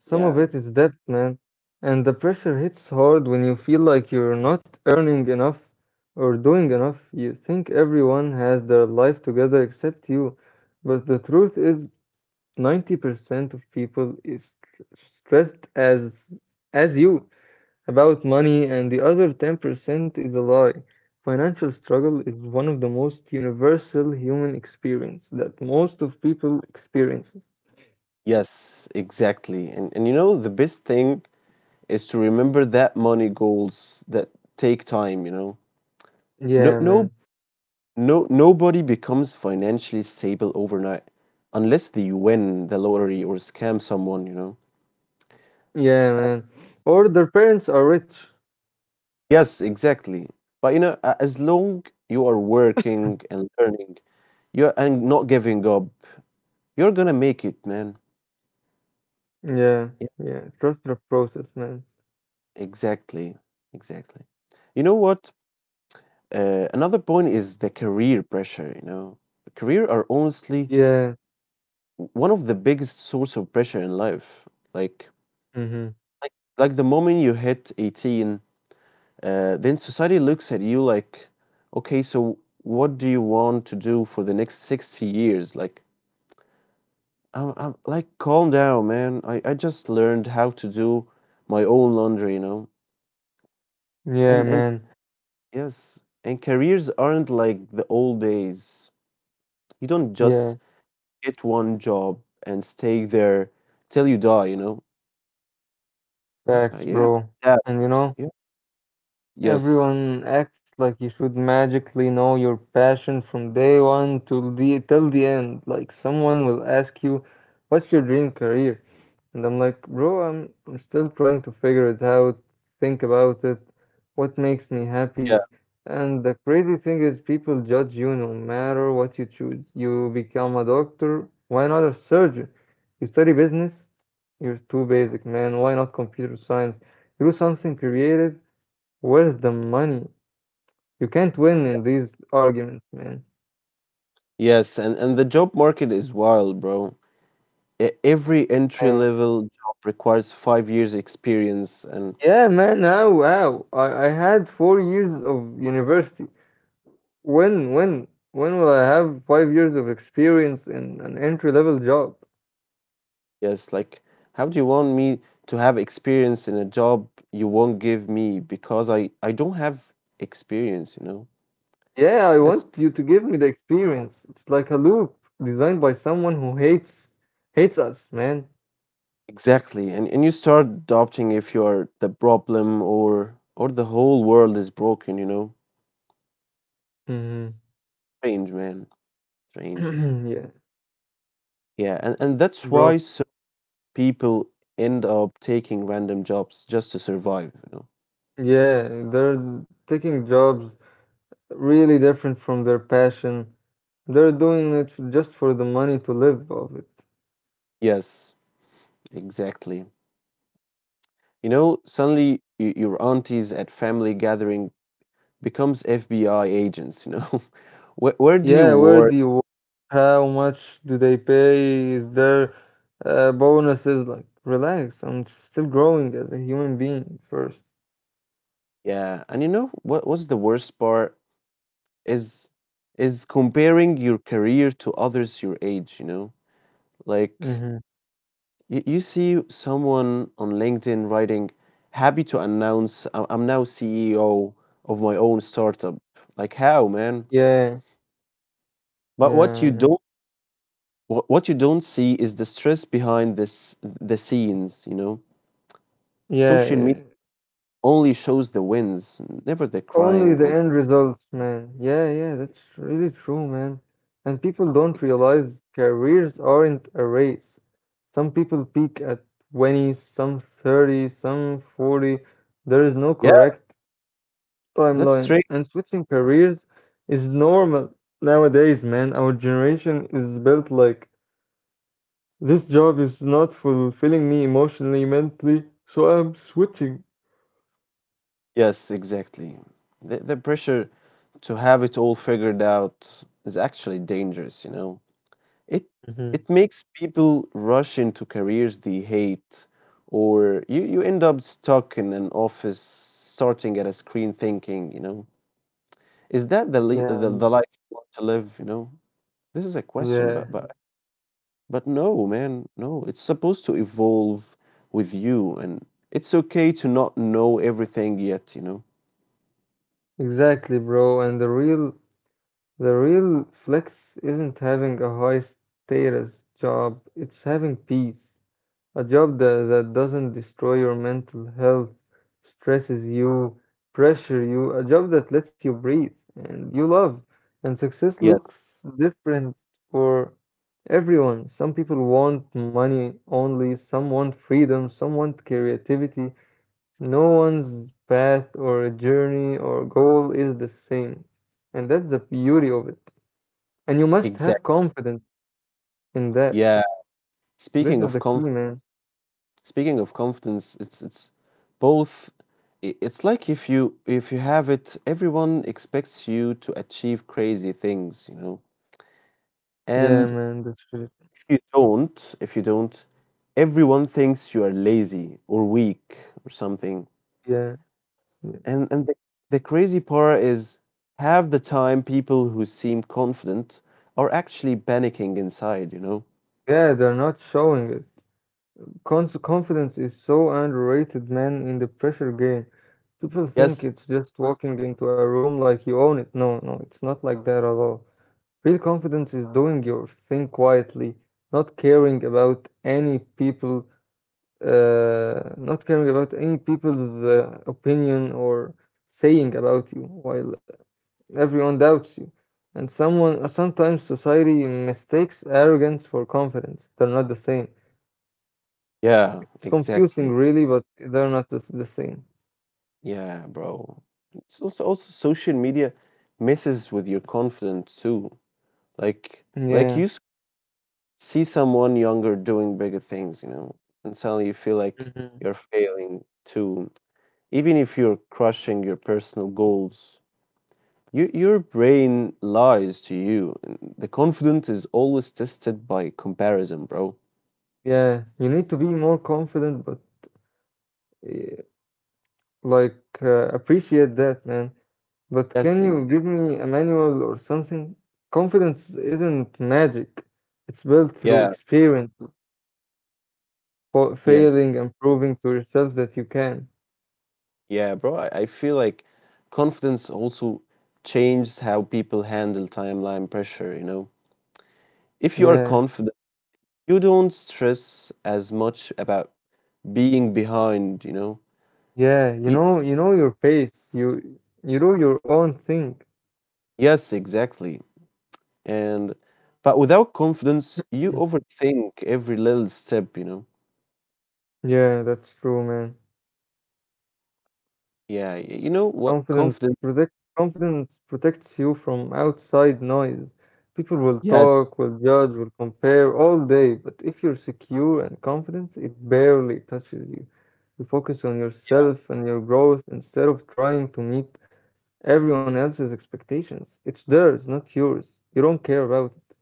B: Some of
A: Yeah.
B: it is debt, man, and the pressure hits hard when you feel like you're not earning enough or doing enough. You think everyone has their life together except you, but the truth is 90% of people is stressed as you about money, and the other 10% is a lie. Financial struggle is one of the most universal human experience that most of people experiences.
A: Yes, exactly. And you know the best thing is to remember that money goals that take time, you know.
B: Yeah,
A: No,
B: man.
A: no No, nobody becomes financially stable overnight unless they win the lottery or scam someone, you know.
B: Yeah,
A: Uh,
B: man. Or their parents are rich.
A: Yes, exactly. But you know, as long you are working and learning, you're and not giving up, you're gonna make it, man.
B: Yeah,
A: Yeah,
B: yeah. Trust the process, man.
A: exactly, exactly. You know what? Another point is the career pressure. You know, career are honestly
B: Yeah.
A: one of the biggest source of pressure in life. Like,
B: Mm-hmm.
A: like, like the moment you hit 18 then society looks at you like, okay, so what do you want to do for the next 60 years? Like, I'm like, calm down, man. I just learned how to do my own laundry, you know?
B: Yeah,
A: And
B: man.
A: yes, and careers aren't like the old days. You don't just
B: Yeah.
A: get one job and stay there till you die, you know? Yeah,
B: Facts,
A: you have to
B: bro.
A: adapt.
B: And you know,
A: Yeah. Yes.
B: everyone acts like you should magically know your passion from day one till the end. Like someone will ask you, "What's your dream career?" And I'm like, bro, I'm still trying to figure it out, think about it, what makes me
A: Yeah.
B: happy. And the crazy thing is people judge you no matter what you choose. You become a doctor, why not a surgeon? You study business, you're too basic, man. Why not computer science? You do something creative, where's the money? You can't win in these arguments, man.
A: Yes, and the job market is wild, bro. Every entry
B: Uh,
A: level job requires 5 years experience and
B: yeah, man. Now, wow. I had 4 years of university. When will I have 5 years of experience in an entry level job?
A: yes like how do you want me to have experience in a job you won't give me because I don't have experience you know
B: Yeah, I
A: that's
B: want you to give me the experience. It's like a loop designed by someone who hates us, man.
A: exactly and you start doubting if you're the problem or the whole world is broken you know
B: Mhm.
A: strange man strange
B: Yeah,
A: yeah and that's why
B: bro.
A: so people end up taking random jobs just to survive you know
B: Yeah, they're taking jobs really different from their passion. They're doing it just for the money to live of it.
A: yes exactly. You know, suddenly your aunties at family gathering becomes FBI agents, you know. Where do you
B: Yeah, where
A: work?
B: do you work? How much do they pay? Is there bonuses? Like, relax. I'm still growing as a human being 1st.
A: Yeah. And you know what what's the worst part is is comparing your career to others your age, you know. Like
B: Mm-hmm.
A: you see someone on LinkedIn writing, "Happy to announce I'm now CEO of my own startup." Like how, man?
B: Yeah,
A: But what you
B: yeah,
A: don't what you don't see is the stress behind this the scenes, you know.
B: yeah,
A: Social media
B: yeah.
A: only shows the wins, never the
B: Only
A: crying
B: the
A: or
B: end results, man. Yeah, yeah. That's really true, man. And people don't realize careers aren't a race. Some people peak at 20, some 30, some 40. There is no
A: yeah,
B: correct
A: that's
B: timeline,
A: straight.
B: and switching careers is normal nowadays, man. Our generation is built like, this job is not fulfilling me emotionally, mentally, so I'm switching.
A: Yes, exactly. The pressure to have it all figured out is actually dangerous, you know. It
B: hmm
A: it makes people rush into careers they hate or you end up stuck in an office starting at a screen thinking, you know. Is that the li- the,
B: Yeah,
A: the life you want to live, you know? This is a question, but
B: yeah,
A: but no, man, no. It's supposed to evolve with you, and it's okay to not know everything yet, you know?
B: exactly, bro. And the real flex isn't having a high status job, it's having peace. A job that doesn't destroy your mental health, stresses you, pressure you, a job that lets you breathe and you love. And success
A: Yes,
B: looks different for everyone. Some people want money only, some want freedom, some want creativity. No one's path or journey or goal is the same. And that's the beauty of it. And you must
A: exactly.
B: have confidence in that.
A: Yeah.
B: This
A: Speaking
B: is
A: of
B: the key,
A: conf
B: man.
A: Speaking of confidence, it's both it's like if you have it, everyone expects you to achieve crazy things, you know?
B: Yeah,
A: And
B: man, that's it.
A: if you don't, everyone thinks you are lazy or weak or something.
B: Yeah.
A: And the crazy part is half the time people who seem confident are actually panicking inside, you know?
B: Yeah, they're not showing it. Cons Confidence is so underrated, man, in the pressure game. People
A: Yes.
B: think it's just walking into a room like you own it. No, no, it's not like that at all. Real confidence is doing your thing quietly, not caring about any people, not caring about any people's opinion or saying about you while everyone doubts you. And sometimes society mistakes arrogance for confidence. They're not the same.
A: Yeah,
B: It's confusing,
A: exactly.
B: really, but they're not the same.
A: Yeah, bro. It's also social media messes with your confidence too. Like like
B: Yeah.
A: you s- see someone younger doing bigger things, you know, and suddenly you feel like
B: hmm
A: you're failing too, even if you're crushing your personal goals. Your brain lies to you. The confidence is always tested by comparison, bro.
B: Yeah, you need to be more confident, but eh, like appreciate that, man. But
A: Yes,
B: can
A: ex-
B: you give me a manual or something? Confidence isn't magic. It's built through
A: yeah,
B: experience,
A: yes,
B: failing and proving to yourself that you can.
A: yeah, bro. I feel like confidence also changes how people handle timeline pressure, you know? If you are
B: Yeah,
A: confident, you don't stress as much about being behind, you know?
B: yeah,
A: You,
B: you know your pace. You do your own thing.
A: yes, exactly. And but without confidence, you
B: Mm.
A: overthink every little step, you know?
B: Yeah, that's true, man.
A: Yeah, you know what
B: Confidence
A: confidence
B: protect Confidence protects you from outside noise. People will
A: yes,
B: talk, will judge, will compare all day, but if you're secure and confident, it barely touches you. You focus on yourself and your growth instead of trying to meet everyone else's expectations. It's theirs, not yours. You don't care about it.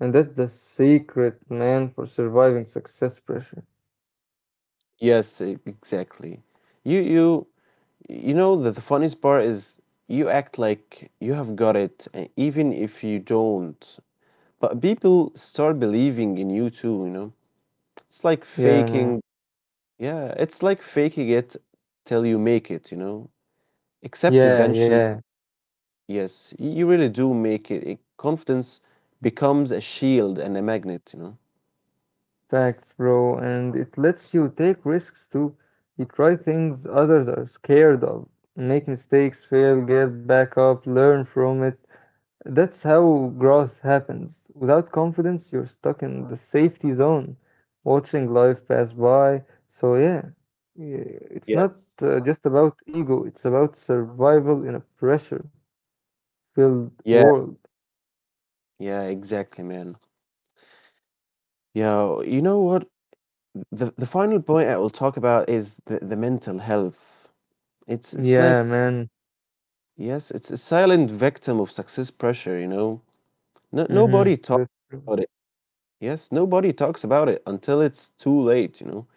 B: And that's the secret, man, for surviving success pressure.
A: yes, exactly. You you you know that the funniest part is you act like you have got it even if you don't. But people start believing in you too, you know. It's like
B: Yeah,
A: faking.
B: man.
A: Yeah, it's like faking it till you make it, you know. Except
B: Yeah,
A: eventually,
B: yeah.
A: yes, you really do make it. Confidence becomes a shield and a magnet, you know.
B: Facts, bro, and it lets you take risks too. You try things others are scared of, make mistakes, fail, get back up, learn from it. That's how growth happens. Without confidence, you're stuck in the safety zone, watching life pass by. So, yeah, yeah, it's not
A: Yes.
B: just about ego, it's about survival in a pressure filled
A: Yeah,
B: world.
A: yeah, exactly, man. Yeah, you know what? The final point I will talk about is the mental health. It's
B: Yeah,
A: like
B: man.
A: yes, it's a silent victim of success pressure. You know, no,
B: Mm-hmm.
A: nobody talks
B: That's true.
A: about it. Yes, nobody talks about it until it's too late. You know,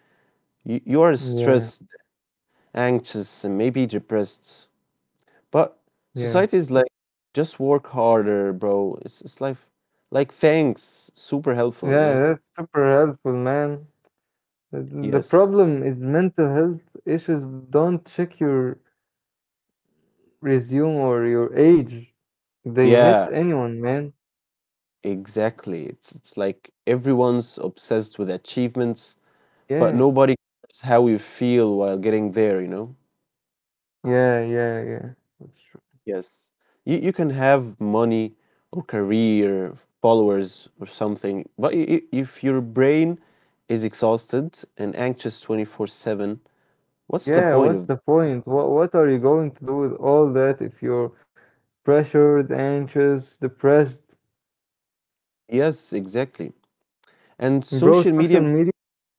A: you are
B: Yeah,
A: stressed, anxious, and maybe depressed. But
B: yeah.
A: society is like, just work harder, bro. It's like thanks, super helpful. You
B: Yeah,
A: know.
B: that's super helpful, man. The the
A: Yes.
B: problem is mental health issues don't check your resume or your age. They
A: Yeah.
B: hit anyone, man.
A: Exactly. It's like everyone's obsessed with achievements, but
B: Yeah,
A: nobody cares how you feel while getting there, you know?
B: yeah, yeah, yeah. That's true.
A: Yes. You can have money or career, followers or something, but if your brain is exhausted and anxious 24/7, what's the
B: Yeah,
A: point
B: what's
A: of
B: the
A: that?
B: point? What are you going to do with all that if you're pressured, anxious, depressed?
A: Yes, exactly. And
B: Bro,
A: social media,
B: social media.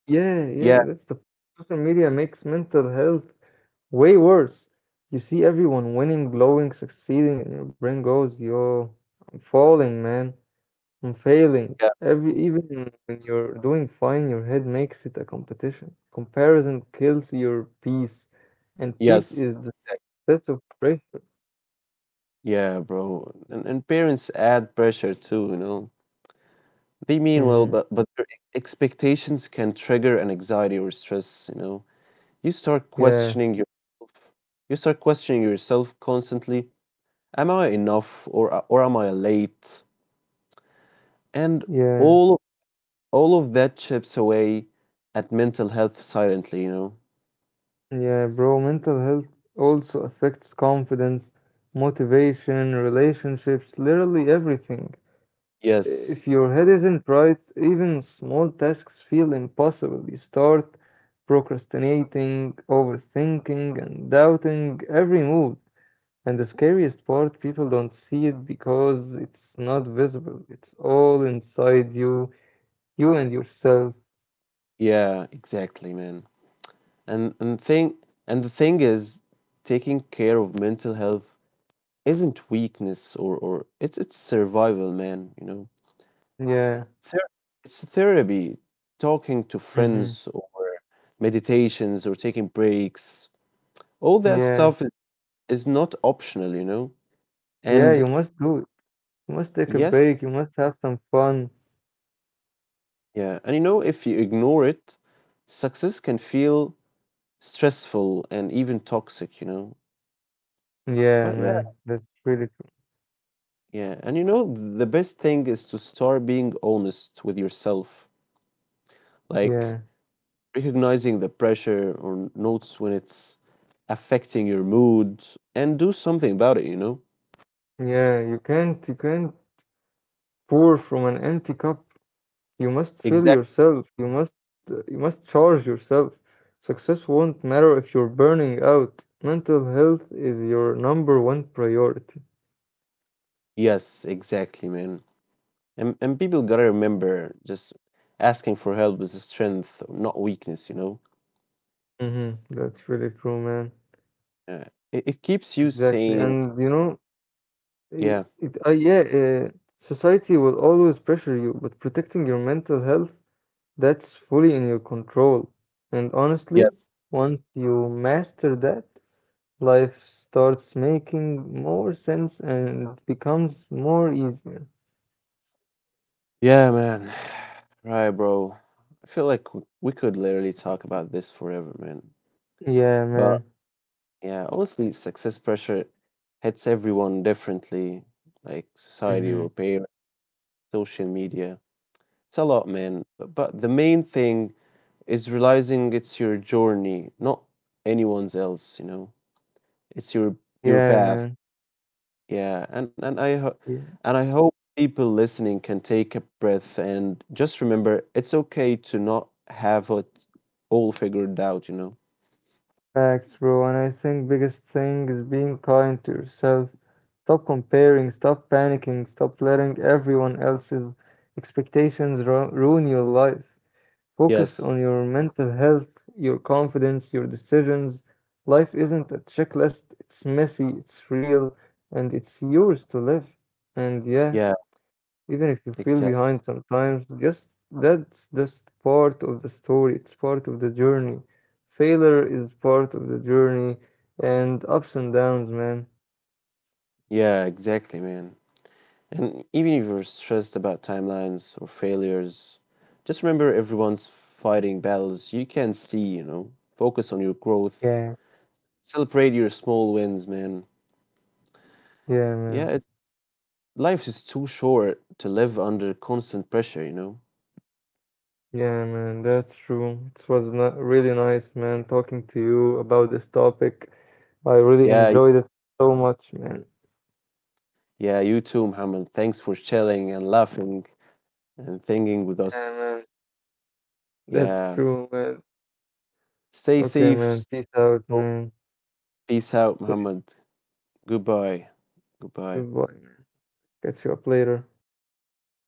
B: Yeah,
A: yeah,
B: yeah, that's the Social media makes mental health way worse. You see everyone winning, glowing, succeeding, and your brain goes, yo, I'm falling, man. I'm failing.
A: yeah,
B: Every Even when you're doing fine, your head makes it a competition. Comparison kills your peace, and peace
A: yes.
B: is the set of pressure.
A: Yeah, bro. And parents add pressure too, you know. They mean well,
B: hmm
A: but their expectations can trigger an anxiety or stress, you know. You start
B: Yeah,
A: questioning yourself. You start questioning yourself constantly. Am I enough or am I late? And
B: yeah,
A: all all of that chips away at mental health silently, you know.
B: yeah, bro. Mental health also affects confidence, motivation, relationships, literally everything.
A: Yes.
B: If your head isn't right, even small tasks feel impossible. You start procrastinating, overthinking, and doubting every move. And the scariest part, people don't see it because it's not visible. It's all inside you, you and yourself.
A: Yeah, exactly, man. And and thing and the thing is taking care of mental health isn't weakness or it's survival, man, you know.
B: Yeah,
A: Ther It's therapy, talking to
B: hmm
A: friends or meditations or taking breaks. All that
B: yeah,
A: stuff I is not optional, you know?
B: yeah,
A: And
B: you must do it. You must take a
A: yes,
B: break. You must have some fun.
A: yeah, and you know, if you ignore it, success can feel stressful and even toxic, you know?
B: Yeah,
A: But yeah,
B: man, that's really true.
A: yeah. And you know, the best thing is to start being honest with yourself.
B: Yeah,
A: Like, recognizing the pressure or notes when it's affecting your mood and do something about it.
B: yeah, you can't pour from an empty cup. You must feel
A: Exactly.
B: yourself. You must charge yourself. Success won't matter if you're burning out. Mental health is your number one priority.
A: Yes, exactly, man. And people gotta remember just asking for help is a strength not weakness, you know.
B: That's really true, man.
A: uh, it, it keeps you
B: Exactly.
A: sane,
B: And you know,
A: yeah,
B: yeah, society will always pressure you, but protecting your mental health, that's fully in your control. And honestly,
A: yes,
B: once you master that, life starts making more sense and becomes more easier.
A: yeah, man. Right, bro. I feel like we could literally talk about this forever, man.
B: Yeah,
A: But
B: man.
A: yeah, honestly, success pressure hits everyone differently, like society
B: Mm-hmm.
A: or parents, social media. It's a lot, man. But the main thing is realizing it's your journey, not anyone's else, you know. It's your
B: Yeah,
A: path.
B: man.
A: Yeah, and
B: Yeah.
A: and I hope people listening can take a breath and just remember it's okay to not have it all figured out, you know.
B: Facts, bro. And I think biggest thing is being kind to yourself. Stop comparing, stop panicking, stop letting everyone else's expectations ru ruin your life. Focus
A: Yes.
B: on your mental health, your confidence, your decisions. Life isn't a checklist. It's messy, it's real, and it's yours to live. And yeah.
A: Yeah,
B: Even if you feel
A: exactly.
B: behind sometimes, just that's just part of the story, it's part of the journey. Failure is part of the journey and ups and downs, man.
A: Yeah, exactly, man. And even if you're stressed about timelines or failures, just remember everyone's fighting battles you can see, you know. Focus on your growth.
B: Yeah,
A: Celebrate your small wins, man.
B: yeah,
A: Yeah,
B: man.
A: life is too short to live under constant pressure, you know.
B: Yeah, man, that's true. It was not really nice, man, talking to you about this topic. I really
A: Yeah,
B: enjoyed it so much, man.
A: yeah, you too, Muhammad. Thanks for chilling and laughing and thinking with
B: Yeah,
A: us.
B: man, that's
A: Yeah.
B: true, man.
A: Stay
B: Okay,
A: safe.
B: man,
A: Stay
B: peace out,
A: home.
B: man.
A: Peace out,
B: Say
A: Muhammad. Goodbye. Goodbye.
B: goodbye, man. Catch you up later.